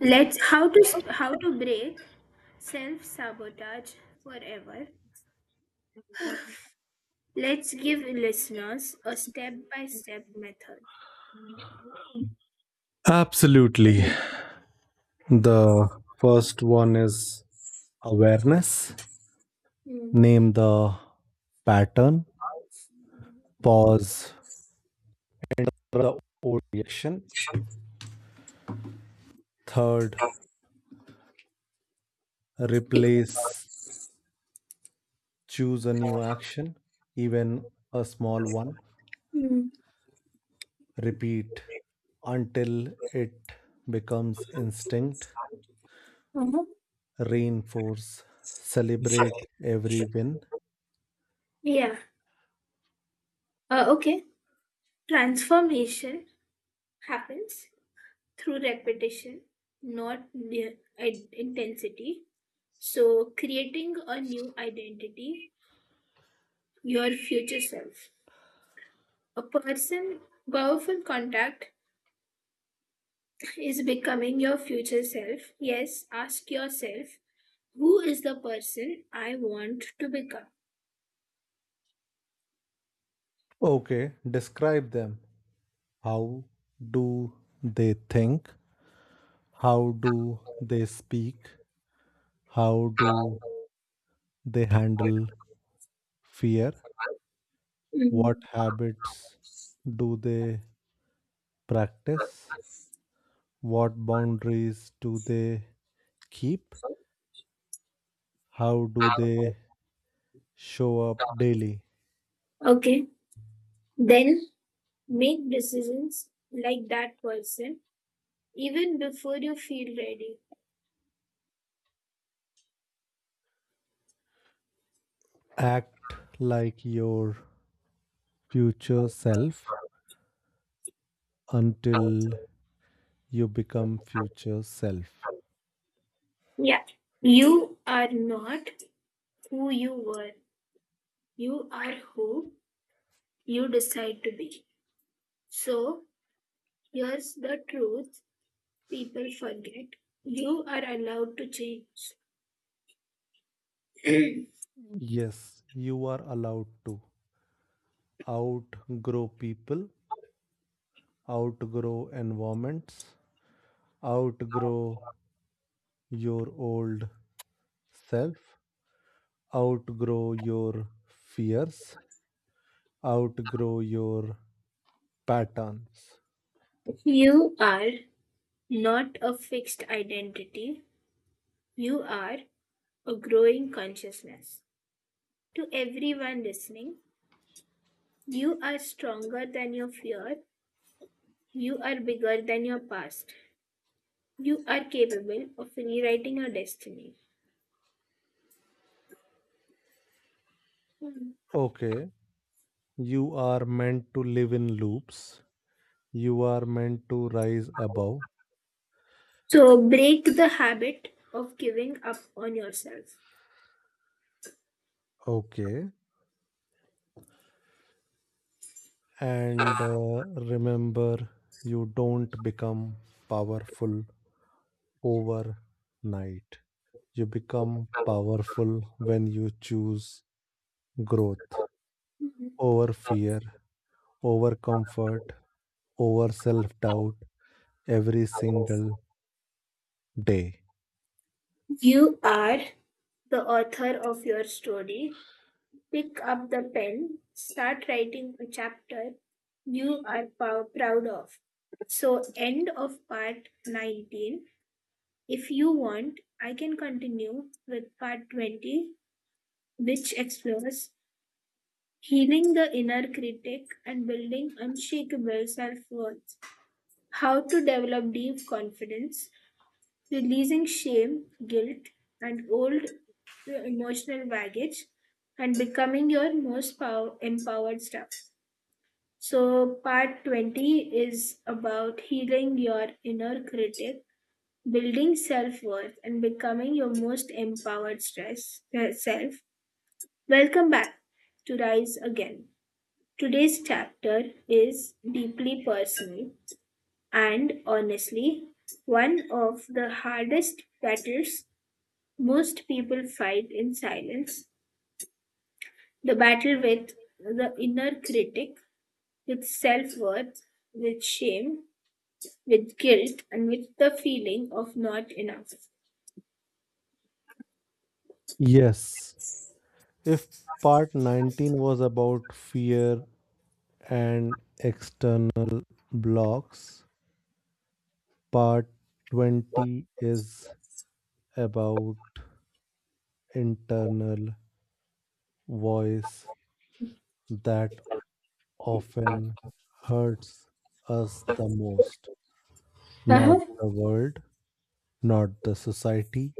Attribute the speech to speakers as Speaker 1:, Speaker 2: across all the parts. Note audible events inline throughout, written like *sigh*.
Speaker 1: Let's How to how to break self sabotage forever. Let's give listeners a step by step method.
Speaker 2: Absolutely. The first one is awareness.
Speaker 1: Hmm.
Speaker 2: Name the pattern. Pause the old reaction. Third, replace. Choose a new action, even a small one.
Speaker 1: Hmm.
Speaker 2: Repeat until it becomes instinct.
Speaker 1: Uh-huh.
Speaker 2: Reinforce. Celebrate every win.
Speaker 1: Yeah. Okay. Transformation happens through repetition, not the intensity. So, creating a new identity, your future self. A person, powerful contact is becoming your future self. Yes, ask yourself, who is the person I want to become?
Speaker 2: Okay, describe them. How do they think? How do they speak? How do they handle fear? What
Speaker 1: Mm.
Speaker 2: habits do they practice? What boundaries do they keep? How do they show up daily?
Speaker 1: Okay, then make decisions like that person even before you feel ready.
Speaker 2: Act like your future self until you become future self.
Speaker 1: Yeah, you are not who you were, you are who you decide to be. So, here's the truth people forget, you are allowed to change. *clears throat*
Speaker 2: Yes, you are allowed to outgrow people, outgrow environments, outgrow your old self, outgrow your fears, outgrow your patterns.
Speaker 1: You are not a fixed identity, you are a growing consciousness. To everyone listening, you are stronger than your fear, you are bigger than your past, you are capable of rewriting your destiny. Mhm.
Speaker 2: Okay, you are meant to live in loops, you are meant to rise above.
Speaker 1: So break the habit of giving up on yourself.
Speaker 2: Okay, and remember, you don't become powerful overnight. You become powerful when you choose growth,
Speaker 1: Mhm.
Speaker 2: over fear, over comfort, over self doubt every single day.
Speaker 1: You are the author of your story. Pick up the pen, start writing a chapter you are proud of. So, end of part 19. If you want, I can continue with part 20, which explores healing the inner critic and building unshakable self worth, how to develop deep confidence, releasing shame, guilt, and old emotional baggage, and becoming your most empowered self. So, part 20 is about healing your inner critic, building self worth, and becoming your most empowered self. Welcome back to Rise Again. Today's chapter is deeply personal and honestly one of the hardest battles most people fight in silence, the battle with the inner critic, with self worth, with shame, with guilt, and with the feeling of not enough.
Speaker 2: Yes, if part 19 was about fear and external blocks, part 20 is about internal voice that often hurts us the most. Not
Speaker 1: Uh-huh.
Speaker 2: the world, not the society,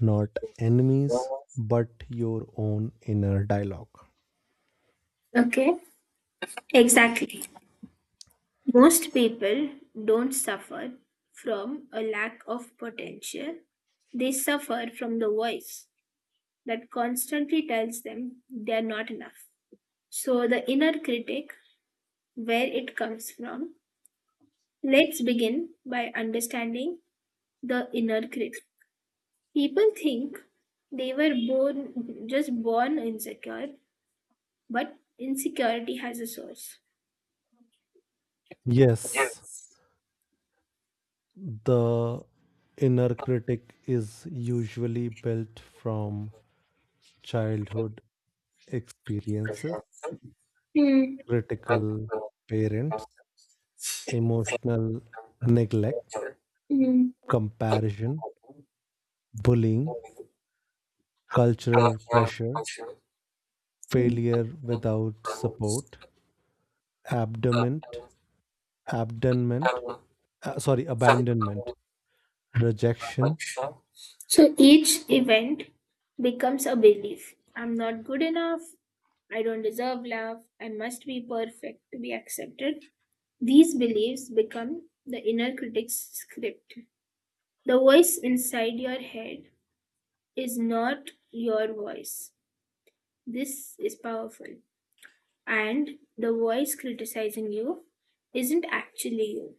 Speaker 2: not enemies, but your own inner dialogue.
Speaker 1: Okay. Exactly. Most people don't suffer from a lack of potential, they suffer from the voice that constantly tells them they're not enough. So, the inner critic, where it comes from. Let's begin by understanding the inner critic. People think they were born just born insecure. But insecurity has a source.
Speaker 2: Yes, the inner critic is usually built from childhood experiences,
Speaker 1: Mm,
Speaker 2: critical parents, emotional neglect,
Speaker 1: mm,
Speaker 2: comparison, bullying, cultural pressure,
Speaker 1: mm.
Speaker 2: failure without support, abandonment, abandonment, abandonment, rejection.
Speaker 1: So each event becomes a belief. I'm not good enough. I don't deserve love. I must be perfect to be accepted. These beliefs become the inner critic's script. The voice inside your head is not your voice. This is powerful. And the voice criticizing you isn't actually you.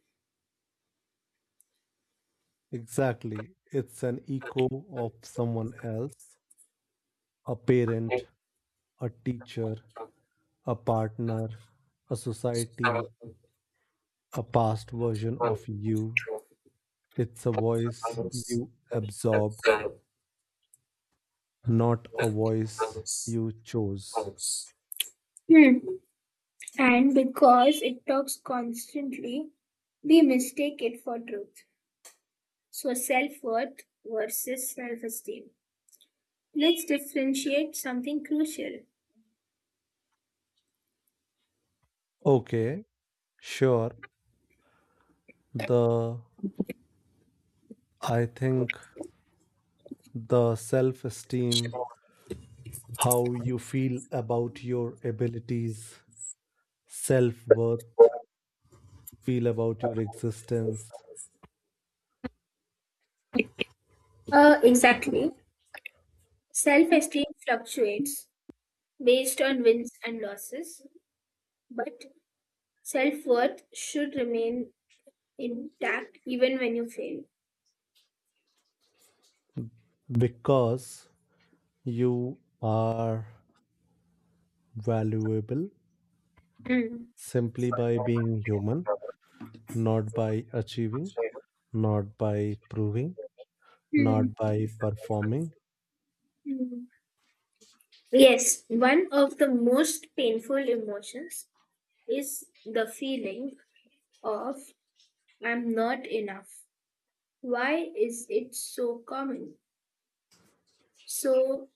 Speaker 2: Exactly. It's an echo of someone else, a parent, a teacher, a partner, a society, a past version of you. It's a voice you absorbed, not a voice you chose.
Speaker 1: Hmm. And because it talks constantly, we mistake it for truth. So, self worth versus self esteem. Let's differentiate something crucial.
Speaker 2: Okay, sure. The I think the self esteem, how you feel about your abilities, self worth, feel about your existence.
Speaker 1: Exactly. Self esteem fluctuates based on wins and losses, but self worth should remain intact even when you fail.
Speaker 2: Because you are valuable
Speaker 1: Mm,
Speaker 2: simply by being human, not by achieving, not by proving,
Speaker 1: mm,
Speaker 2: not by performing.
Speaker 1: mm. Yes, one of the most painful emotions is the feeling of I'm not enough. Why is it so common? So,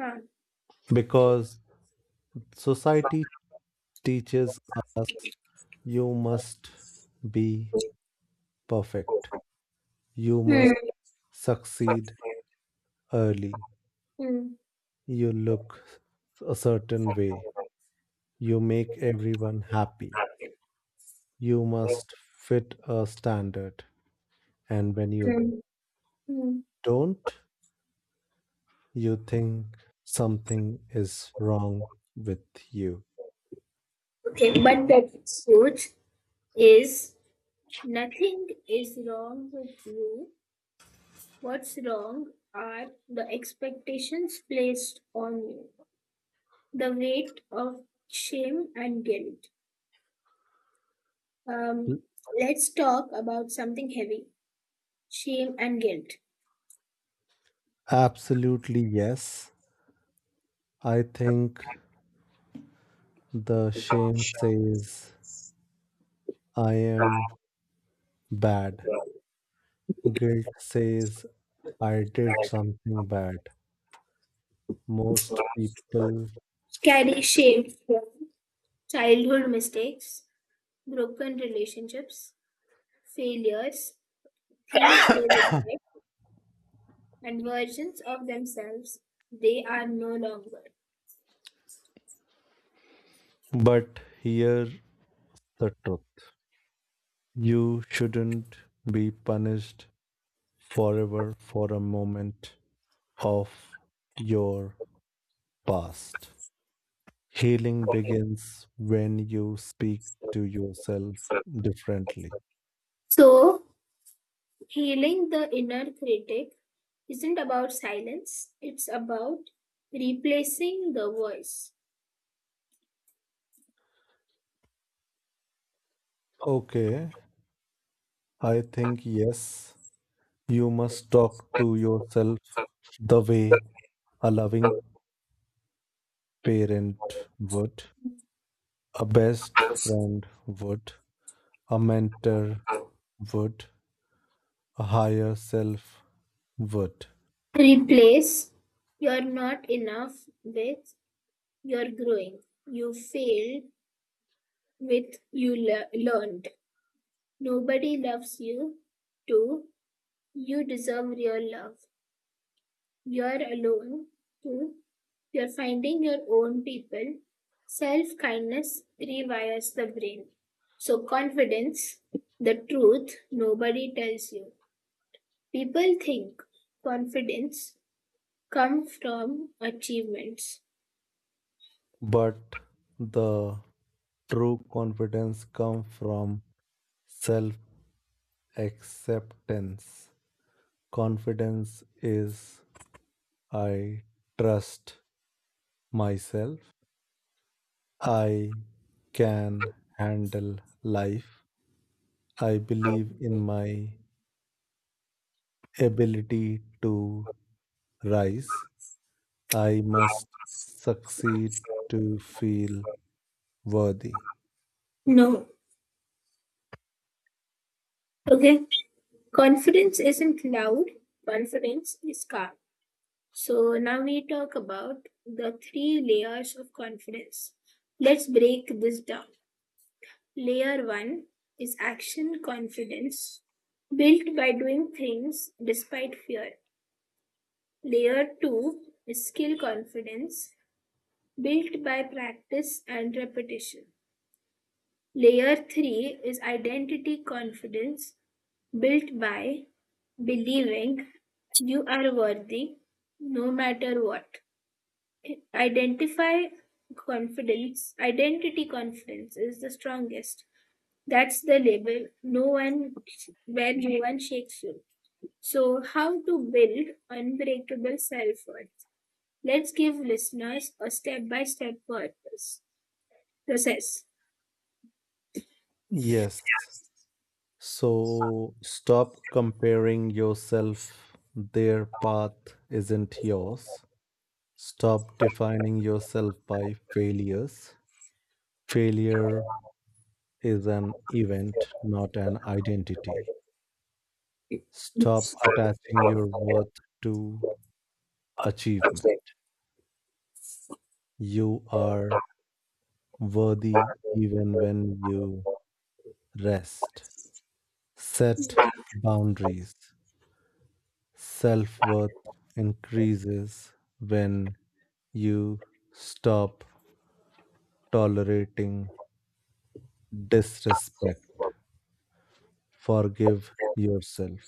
Speaker 1: uh,
Speaker 2: Because society teaches us you must be perfect, you must
Speaker 1: hmm,
Speaker 2: succeed early,
Speaker 1: hmm,
Speaker 2: you look a certain way, you make everyone happy, you must fit a standard. And when you
Speaker 1: hmm, hmm.
Speaker 2: don't, you think something is wrong with you.
Speaker 1: Okay, but the truth is, nothing is wrong with you. What's wrong are the expectations placed on you, the weight of shame and guilt.
Speaker 2: L-
Speaker 1: Um, let's talk about something heavy, shame and guilt.
Speaker 2: Absolutely, yes. I think the shame says I am bad. Guilt says I did something bad. Most people,
Speaker 1: Carry shame from childhood mistakes, broken relationships, failures, things and versions of themselves they are no longer.
Speaker 2: but here the truth. You shouldn't be punished forever for a moment of your past. Healing begins when you speak to yourself differently.
Speaker 1: So, healing the inner critic isn't about silence, it's about replacing the voice.
Speaker 2: Okay, I think yes, you must talk to yourself the way a loving parent would, a best friend would, a mentor would, a higher self would.
Speaker 1: Replace you're not enough with you're growing. You failed with you learned. Nobody loves you too. You deserve real love. You're alone too. You're finding your own people. Self kindness rewires the brain. So, confidence, the truth nobody tells you. People think confidence comes from achievements.
Speaker 2: But the true confidence comes from self acceptance. Confidence is I trust myself. I can handle life. I believe in my ability to rise. I must succeed to feel worthy.
Speaker 1: No. Okay. Confidence isn't loud, confidence is calm. So, now we talk about the three layers of confidence. Let's break this down. Layer one is action confidence, built by doing things despite fear. Layer two is skill confidence, built by practice and repetition. Layer three is identity confidence, built by believing you are worthy no matter what. Identify Identity confidence is the strongest. That's the label. No one Where no one shakes you. So how to build unbreakable self-worth? Let's give listeners a step-by-step purpose process.
Speaker 2: Yes. So stop comparing yourself. Their path isn't yours. Stop defining yourself by failures. Failure is an event, not an identity. Stop attaching your worth to achievement. You are worthy even when you rest. Set boundaries. Self worth increases when you stop tolerating disrespect. Forgive yourself.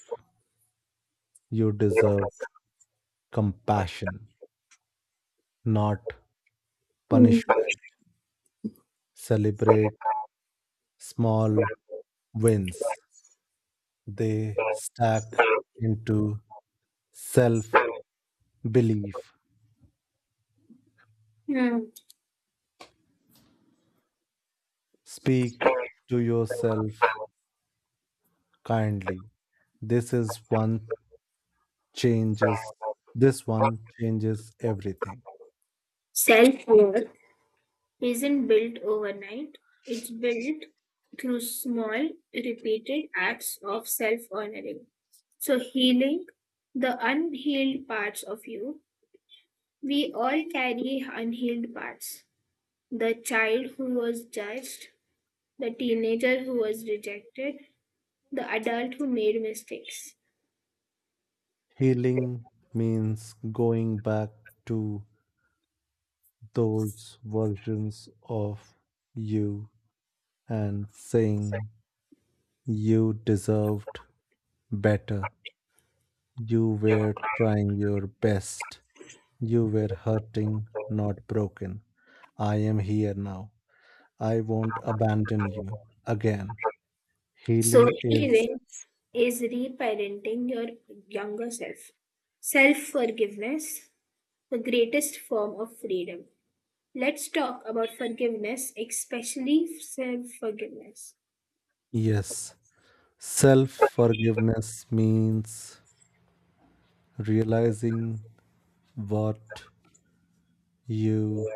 Speaker 2: You deserve compassion, not
Speaker 1: Mm.
Speaker 2: punishment. Celebrate small wins. They stack into self belief.
Speaker 1: Hmm.
Speaker 2: Speak to yourself kindly. This is one changes this one changes everything.
Speaker 1: Self-worth isn't built overnight. It's built through small, repeated acts of self-honoring. So, healing the unhealed parts of you. We all carry unhealed parts, the child who was judged, the teenager who was rejected, the adult who made mistakes.
Speaker 2: Healing means going back to those versions of you and saying you deserved better. You were trying your best. You were hurting, not broken. I am here now. I won't abandon you again.
Speaker 1: So,
Speaker 2: Healing is
Speaker 1: healing is reparenting your younger self. Self forgiveness, the greatest form of freedom. Let's talk about forgiveness, especially self forgiveness.
Speaker 2: yes. Self forgiveness means realizing what you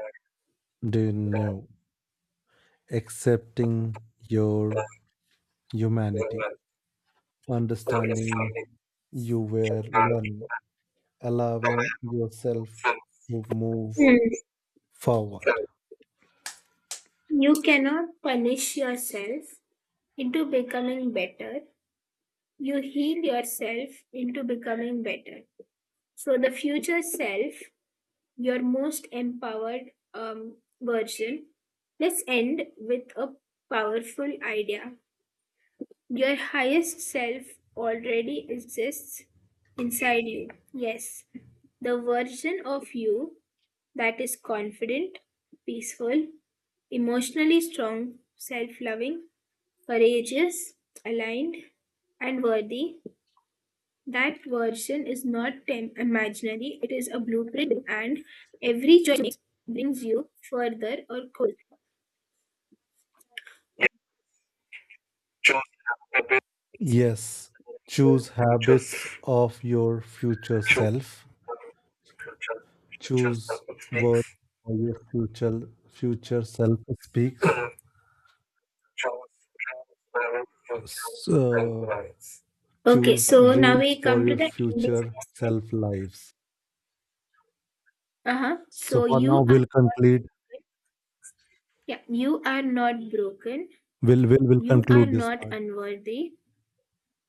Speaker 2: didn't know, accepting your humanity, understanding you were learning, allowing yourself to move
Speaker 1: Hmm.
Speaker 2: forward.
Speaker 1: You cannot punish yourself into becoming better. You heal yourself into becoming better. So the future self, your most empowered version. Let's end with a powerful idea. Your highest self already exists inside you. Yes, the version of you that is confident, peaceful, emotionally strong, self loving, courageous, aligned, and worthy, that version is not imaginary, it is a blueprint, and every choice makes brings you further or closer.
Speaker 2: Yes, choose habits of your future self. Choose words for your future self speaks. So
Speaker 1: Okay,
Speaker 2: choose
Speaker 1: so now
Speaker 2: dreams
Speaker 1: we
Speaker 2: for
Speaker 1: come to
Speaker 2: your
Speaker 1: the ending.
Speaker 2: future self lives.
Speaker 1: Uh huh.
Speaker 2: So for now we'll conclude
Speaker 1: Yeah, you are not broken, you
Speaker 2: we'll will
Speaker 1: are
Speaker 2: conclude this
Speaker 1: not
Speaker 2: part.
Speaker 1: unworthy,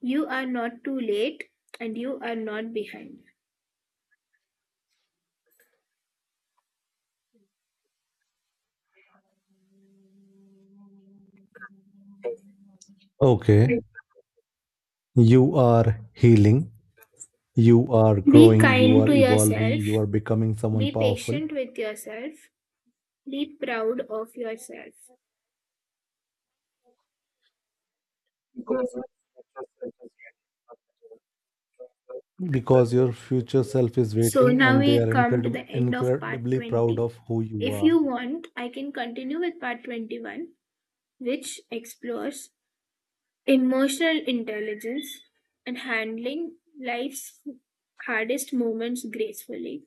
Speaker 1: you are not too late, and you are not behind.
Speaker 2: Okay. You are healing, you are
Speaker 1: Be
Speaker 2: growing, you
Speaker 1: kind
Speaker 2: are
Speaker 1: to yourself,
Speaker 2: evolving, you are becoming someone
Speaker 1: be
Speaker 2: powerful,
Speaker 1: patient with yourself, be proud of yourself.
Speaker 2: because your future self is
Speaker 1: So
Speaker 2: waiting
Speaker 1: now
Speaker 2: and they are
Speaker 1: we come to the end of part
Speaker 2: incredibly proud
Speaker 1: 20.
Speaker 2: of who you
Speaker 1: If
Speaker 2: are.
Speaker 1: you want, I can continue with part 21, which explores emotional intelligence and handling life's hardest moments gracefully,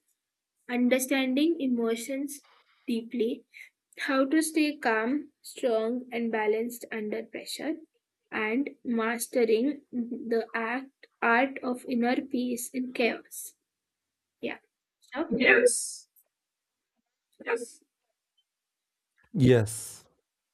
Speaker 1: understanding emotions deeply, how to stay calm, strong, and balanced under pressure, and mastering the art of inner peace in chaos. Yeah. Stop.
Speaker 2: Yes.